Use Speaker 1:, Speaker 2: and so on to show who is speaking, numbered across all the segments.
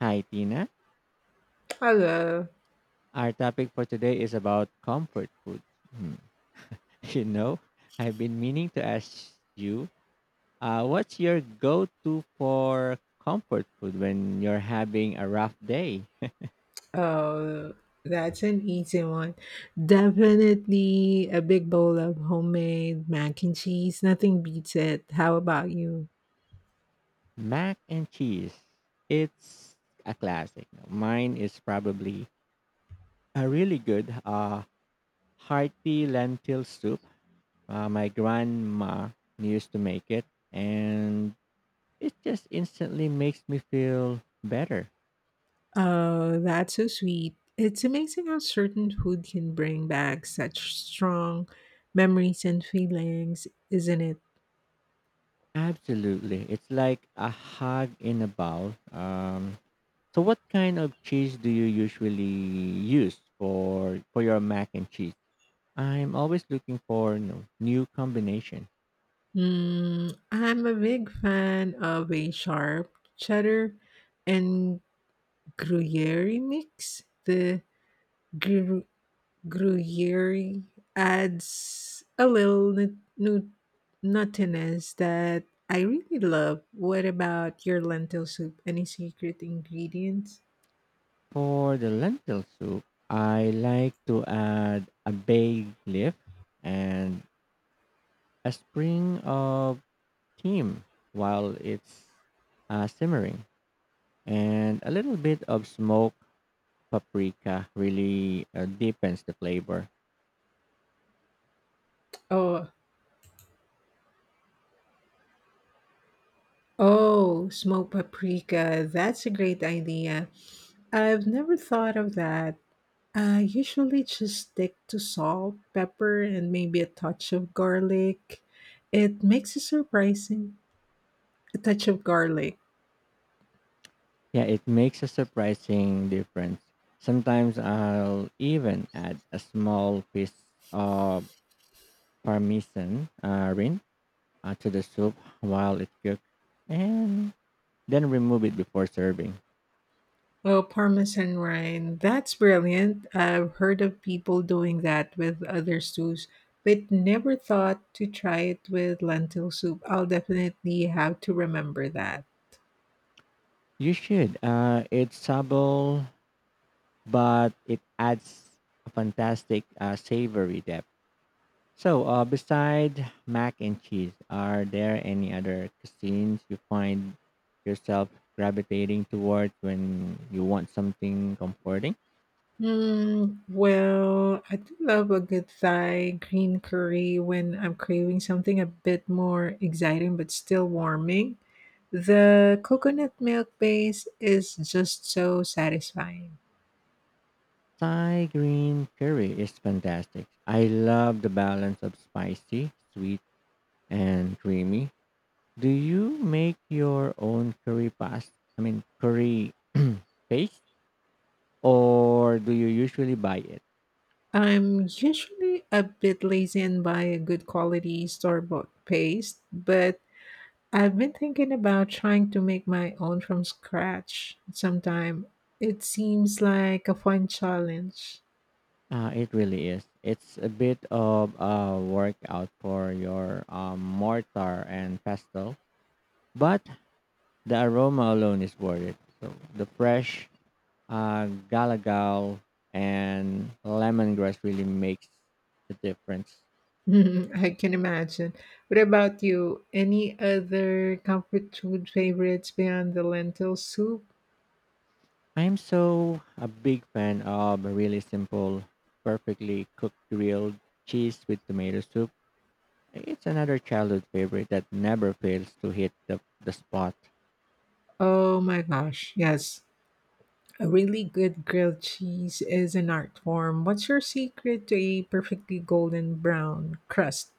Speaker 1: Hi, Tina.
Speaker 2: Hello.
Speaker 1: Our topic for today is about comfort food. Hmm. You know, I've been meaning to ask you, what's your go to for comfort food when you're having a rough day?
Speaker 2: Oh, that's an easy one. Definitely a big bowl of homemade mac and cheese. Nothing beats it. How about you?
Speaker 1: Mac and cheese. It's a classic. Mine is probably a really good hearty lentil soup. My grandma used to make it, and it just instantly makes me feel better.
Speaker 2: Oh, that's so sweet. It's amazing how certain food can bring back such strong memories and feelings, isn't it?
Speaker 1: Absolutely. It's like a hug in a bowl. So what kind of cheese do you usually use for your mac and cheese? I'm always looking for new combination.
Speaker 2: I'm a big fan of a sharp cheddar and Gruyere mix. The Gruyere adds a little nuttiness that I really love. What about your lentil soup? Any secret ingredients?
Speaker 1: For the lentil soup, I like to add a bay leaf and a spring of thyme while it's simmering, and a little bit of smoked paprika really deepens the flavor.
Speaker 2: Oh, oh, smoked paprika. That's a great idea. I've never thought of that. I usually just stick to salt, pepper, and maybe a touch of garlic. It makes it surprising. A touch of garlic.
Speaker 1: Yeah, it makes a surprising difference. Sometimes I'll even add a small piece of parmesan rin to the soup while it cooks and then remove it before serving.
Speaker 2: Well, Parmesan rind. That's brilliant. I've heard of people doing that with other stews, but never thought to try it with lentil soup. I'll definitely have to remember that.
Speaker 1: You should. It's subtle, but it adds a fantastic savory depth. So, besides mac and cheese, are there any other cuisines you find yourself gravitating towards when you want something comforting?
Speaker 2: Well, I do love a good Thai green curry when I'm craving something a bit more exciting but still warming. The coconut milk base is just so satisfying.
Speaker 1: Thai green curry is fantastic. I love the balance of spicy, sweet, and creamy. Do you make your own curry pasta? Curry paste, or do you usually buy it?
Speaker 2: I'm usually a bit lazy and buy a good quality store bought paste, but I've been thinking about trying to make my own from scratch sometime. It seems like a fun challenge.
Speaker 1: It really is. It's a bit of a workout for your mortar and pestle, but the aroma alone is worth it. So the fresh galagal and lemongrass really makes the difference.
Speaker 2: I can imagine. What about you? Any other comfort food favorites beyond the lentil soup?
Speaker 1: I'm so a big fan of really simple, perfectly cooked grilled cheese with tomato soup. It's another childhood favorite that never fails to hit the spot.
Speaker 2: Oh my gosh, yes. A really good grilled cheese is an art form. What's your secret to a perfectly golden brown crust?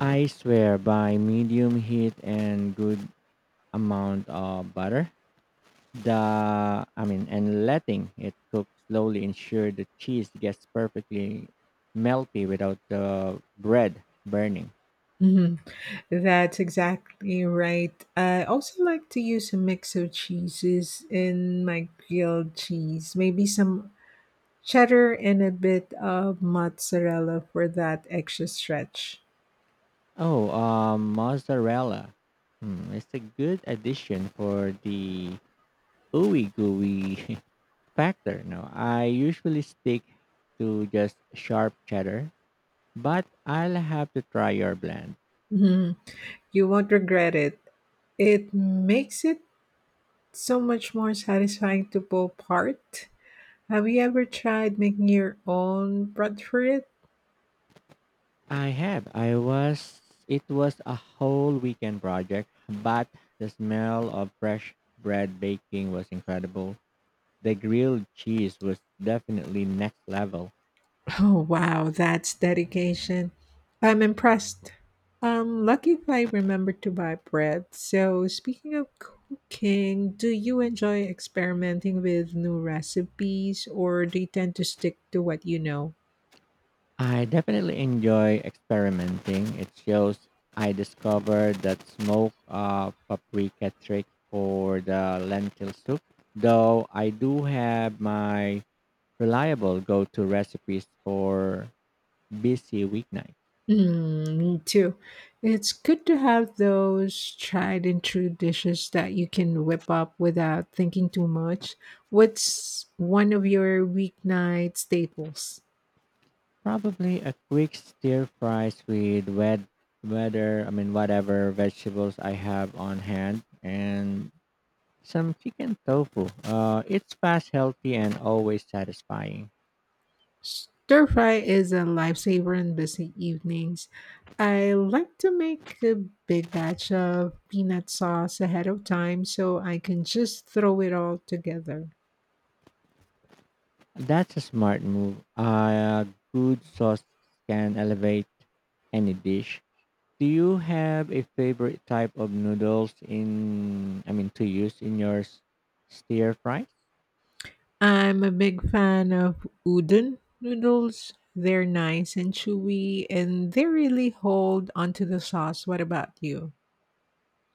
Speaker 1: I swear by medium heat and good amount of butter. The I mean and letting it cook slowly ensure the cheese gets perfectly melty without the bread burning.
Speaker 2: Mhm. That's exactly right. I also like to use a mix of cheeses in my grilled cheese, maybe some cheddar and a bit of mozzarella for that extra stretch.
Speaker 1: Oh, mozzarella. Hmm, it's a good addition for the ooey gooey factor. No, I usually stick to just sharp cheddar, but I'll have to try your blend.
Speaker 2: Mhm. You won't regret it. It makes it so much more satisfying to pull apart. Have you ever tried making your own bread for it?
Speaker 1: I have. I was. It was a whole weekend project, but the smell of fresh bread baking was incredible. The grilled cheese was definitely next level.
Speaker 2: Oh, wow, that's dedication. I'm impressed. I'm lucky if I remember to buy bread. So, speaking of cooking, do you enjoy experimenting with new recipes or do you tend to stick to what you know?
Speaker 1: I definitely enjoy experimenting. It shows I discovered that smoke paprika trick for the lentil soup. Though I do have my reliable go-to recipes for busy weeknights.
Speaker 2: Me too. It's good to have those tried and true dishes that you can whip up without thinking too much. What's one of your weeknight staples?
Speaker 1: Probably a quick stir fries with wet whether I mean whatever vegetables I have on hand and some chicken tofu. It's fast, healthy, and always satisfying.
Speaker 2: Stir fry is a lifesaver in busy evenings. I like to make a big batch of peanut sauce ahead of time so I can just throw it all together.
Speaker 1: That's a smart move. A good sauce can elevate any dish. Do you have a favorite type of noodles in I mean to use in your stir fry?
Speaker 2: I'm a big fan of udon noodles. They're nice and chewy and they really hold onto the sauce. What about you?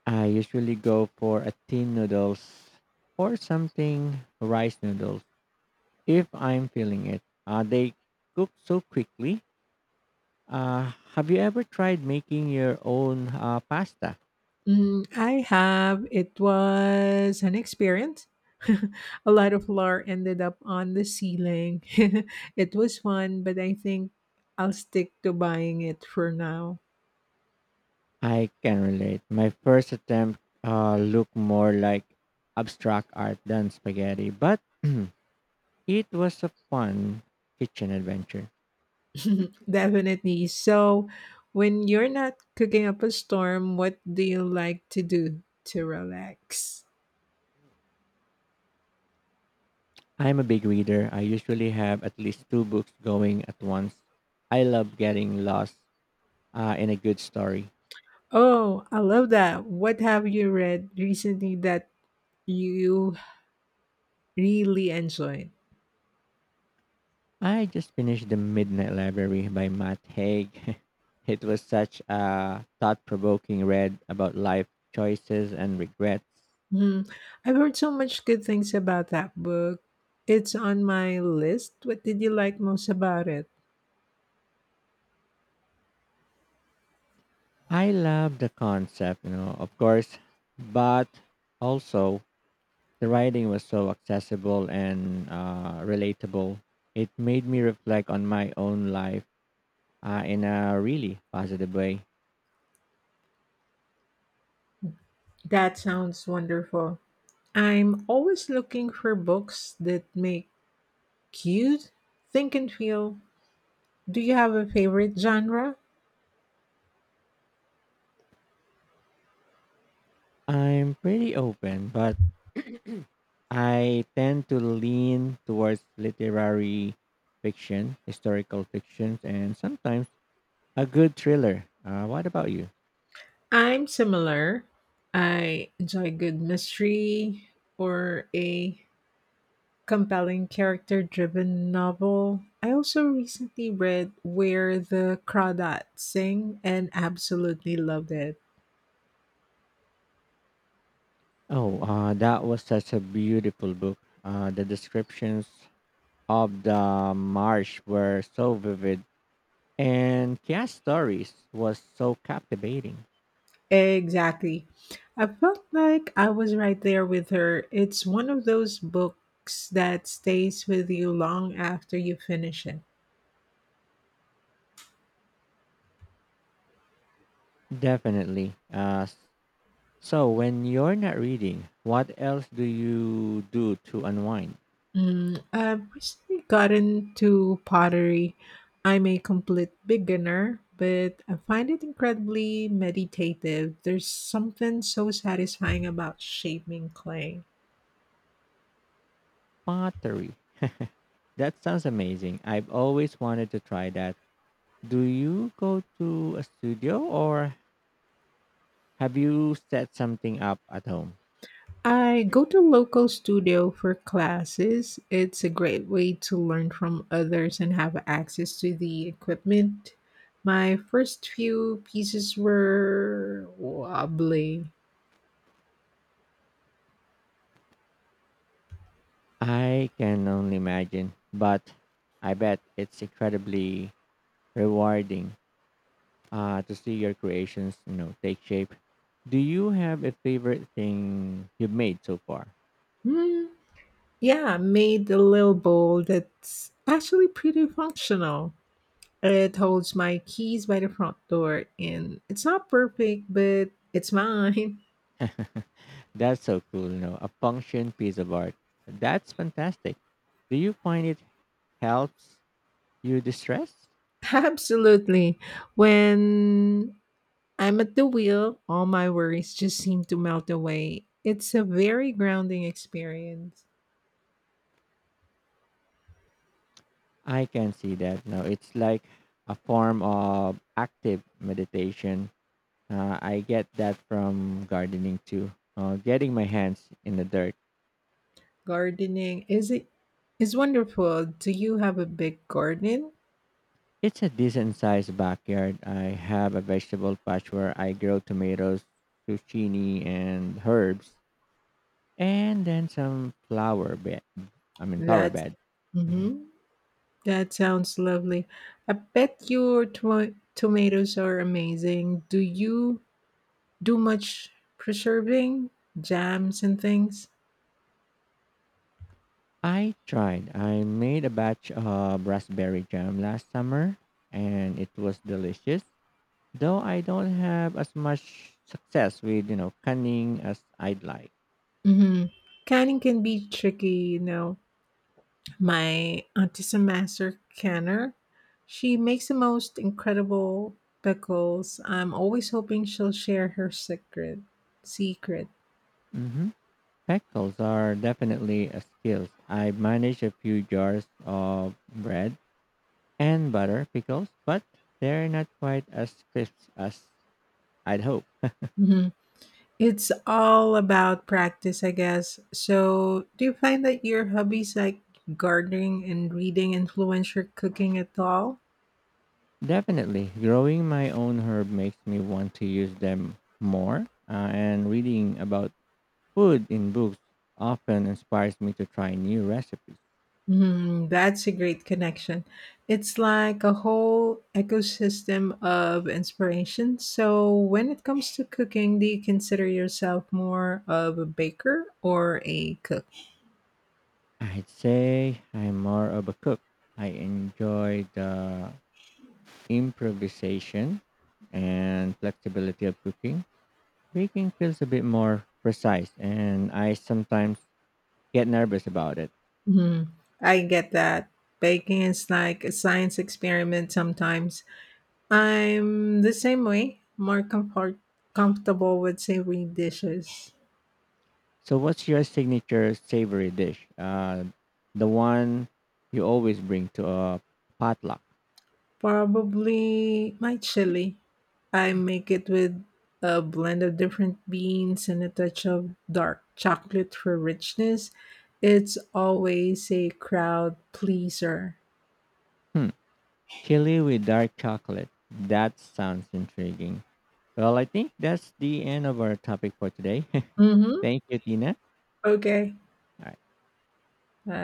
Speaker 1: I usually go for a thin noodles or something rice noodles if I'm feeling it. They cook so quickly. Have you ever tried making your own pasta?
Speaker 2: I have. It was an experience. A lot of lore ended up on the ceiling. It was fun, but I think I'll stick to buying it for now.
Speaker 1: I can relate. My first attempt looked more like abstract art than spaghetti, but it was a fun kitchen adventure.
Speaker 2: Definitely. So, when you're not cooking up a storm, what do you like to do to relax?
Speaker 1: I'm a big reader. I usually have at least two books going at once. I love getting lost and a good story.
Speaker 2: Oh, I love that. What have you read recently that you really enjoyed?
Speaker 1: I just finished The Midnight Library by Matt Haig. It was such a thought provoking read about life choices and regrets.
Speaker 2: Mhm. I've heard so much good things about that book. It's on my list. What did you like most about it?
Speaker 1: I love the concept, of course, but also the writing was so accessible and relatable. It made me reflect on my own life in a really positive way.
Speaker 2: That sounds wonderful. I'm always looking for books that make you think and feel. Do you have a favorite genre?
Speaker 1: I'm pretty open, but I tend to lean towards literary fiction, historical fictions, and sometimes a good thriller. What about you?
Speaker 2: I'm similar. I enjoy good mystery or a compelling character-driven novel. I also recently read Where the Crawdads Sing and absolutely loved it.
Speaker 1: Oh, that was such a beautiful book. The descriptions of the marsh were so vivid, and Kia's stories was so captivating.
Speaker 2: Exactly. I felt like I was right there with her. It's one of those books that stays with you long after you finish it.
Speaker 1: Definitely. So, when you're not reading, what else do you do to unwind?
Speaker 2: I've recently gotten to pottery. I'm a complete beginner, but I find it incredibly meditative. There's something so satisfying about shaping clay.
Speaker 1: Pottery. That sounds amazing. I've always wanted to try that. Do you go to a studio or have you set something up at home?
Speaker 2: I go to local studio for classes. It's a great way to learn from others and have access to the equipment. My first few pieces were wobbly.
Speaker 1: I can only imagine, but I bet it's incredibly rewarding to see your creations, take shape. Do you have a favorite thing you've made so far?
Speaker 2: Hmm. Yeah, made a little bowl that's actually pretty functional. It holds my keys by the front door, and it's not perfect, but it's mine.
Speaker 1: That's so cool, a function piece of art. That's fantastic. Do you find it helps you distress?
Speaker 2: Absolutely. When I'm at the wheel, all my worries just seem to melt away. It's a very grounding experience.
Speaker 1: I can see that. No, it's like a form of active meditation. I get that from gardening too. Getting my hands in the dirt.
Speaker 2: Gardening is wonderful. Do you have a big garden?
Speaker 1: It's a decent sized backyard. I have a vegetable patch where I grow tomatoes, zucchini, and herbs, and then some flower bed. Flower
Speaker 2: That's
Speaker 1: bed. Mhm.
Speaker 2: mm-hmm. That sounds lovely. I bet your tomatoes are amazing. Do you do much preserving, jams and things?
Speaker 1: I tried. I made a batch of raspberry jam last summer, and it was delicious. Though I don't have as much success with, canning as I'd like.
Speaker 2: Hmm. Canning can be tricky, you know. My auntie's a master canner. She makes the most incredible pickles. I'm always hoping she'll share her secret. Secret.
Speaker 1: Hmm. Pickles are definitely a skill. I manage a few jars of bread and butter pickles, but they're not quite as crisp as I'd hope.
Speaker 2: Mhm. It's all about practice, I guess. So, do you find that your hobbies like gardening and reading influence your cooking at all?
Speaker 1: Definitely, growing my own herb makes me want to use them more, and reading about food in books often inspires me to try new recipes.
Speaker 2: Hmm, that's a great connection. It's like a whole ecosystem of inspiration. So, when it comes to cooking, do you consider yourself more of a baker or a cook?
Speaker 1: I'd say I'm more of a cook. I enjoy the improvisation and flexibility of cooking. Baking feels a bit more precise, and I sometimes get nervous about it.
Speaker 2: Hmm, I get that. Baking is like a science experiment sometimes. I'm the same way, more comfortable with savory dishes.
Speaker 1: So, what's your signature savory dish? The one you always bring to a potluck?
Speaker 2: Probably my chili. I make it with a blend of different beans and a touch of dark chocolate for richness. It's always a crowd pleaser.
Speaker 1: Hmm. Chili with dark chocolate. That sounds intriguing. Well, I think that's the end of our topic for today.
Speaker 2: Mm-hmm.
Speaker 1: Thank you, Tina.
Speaker 2: Okay.
Speaker 1: All
Speaker 2: Uh,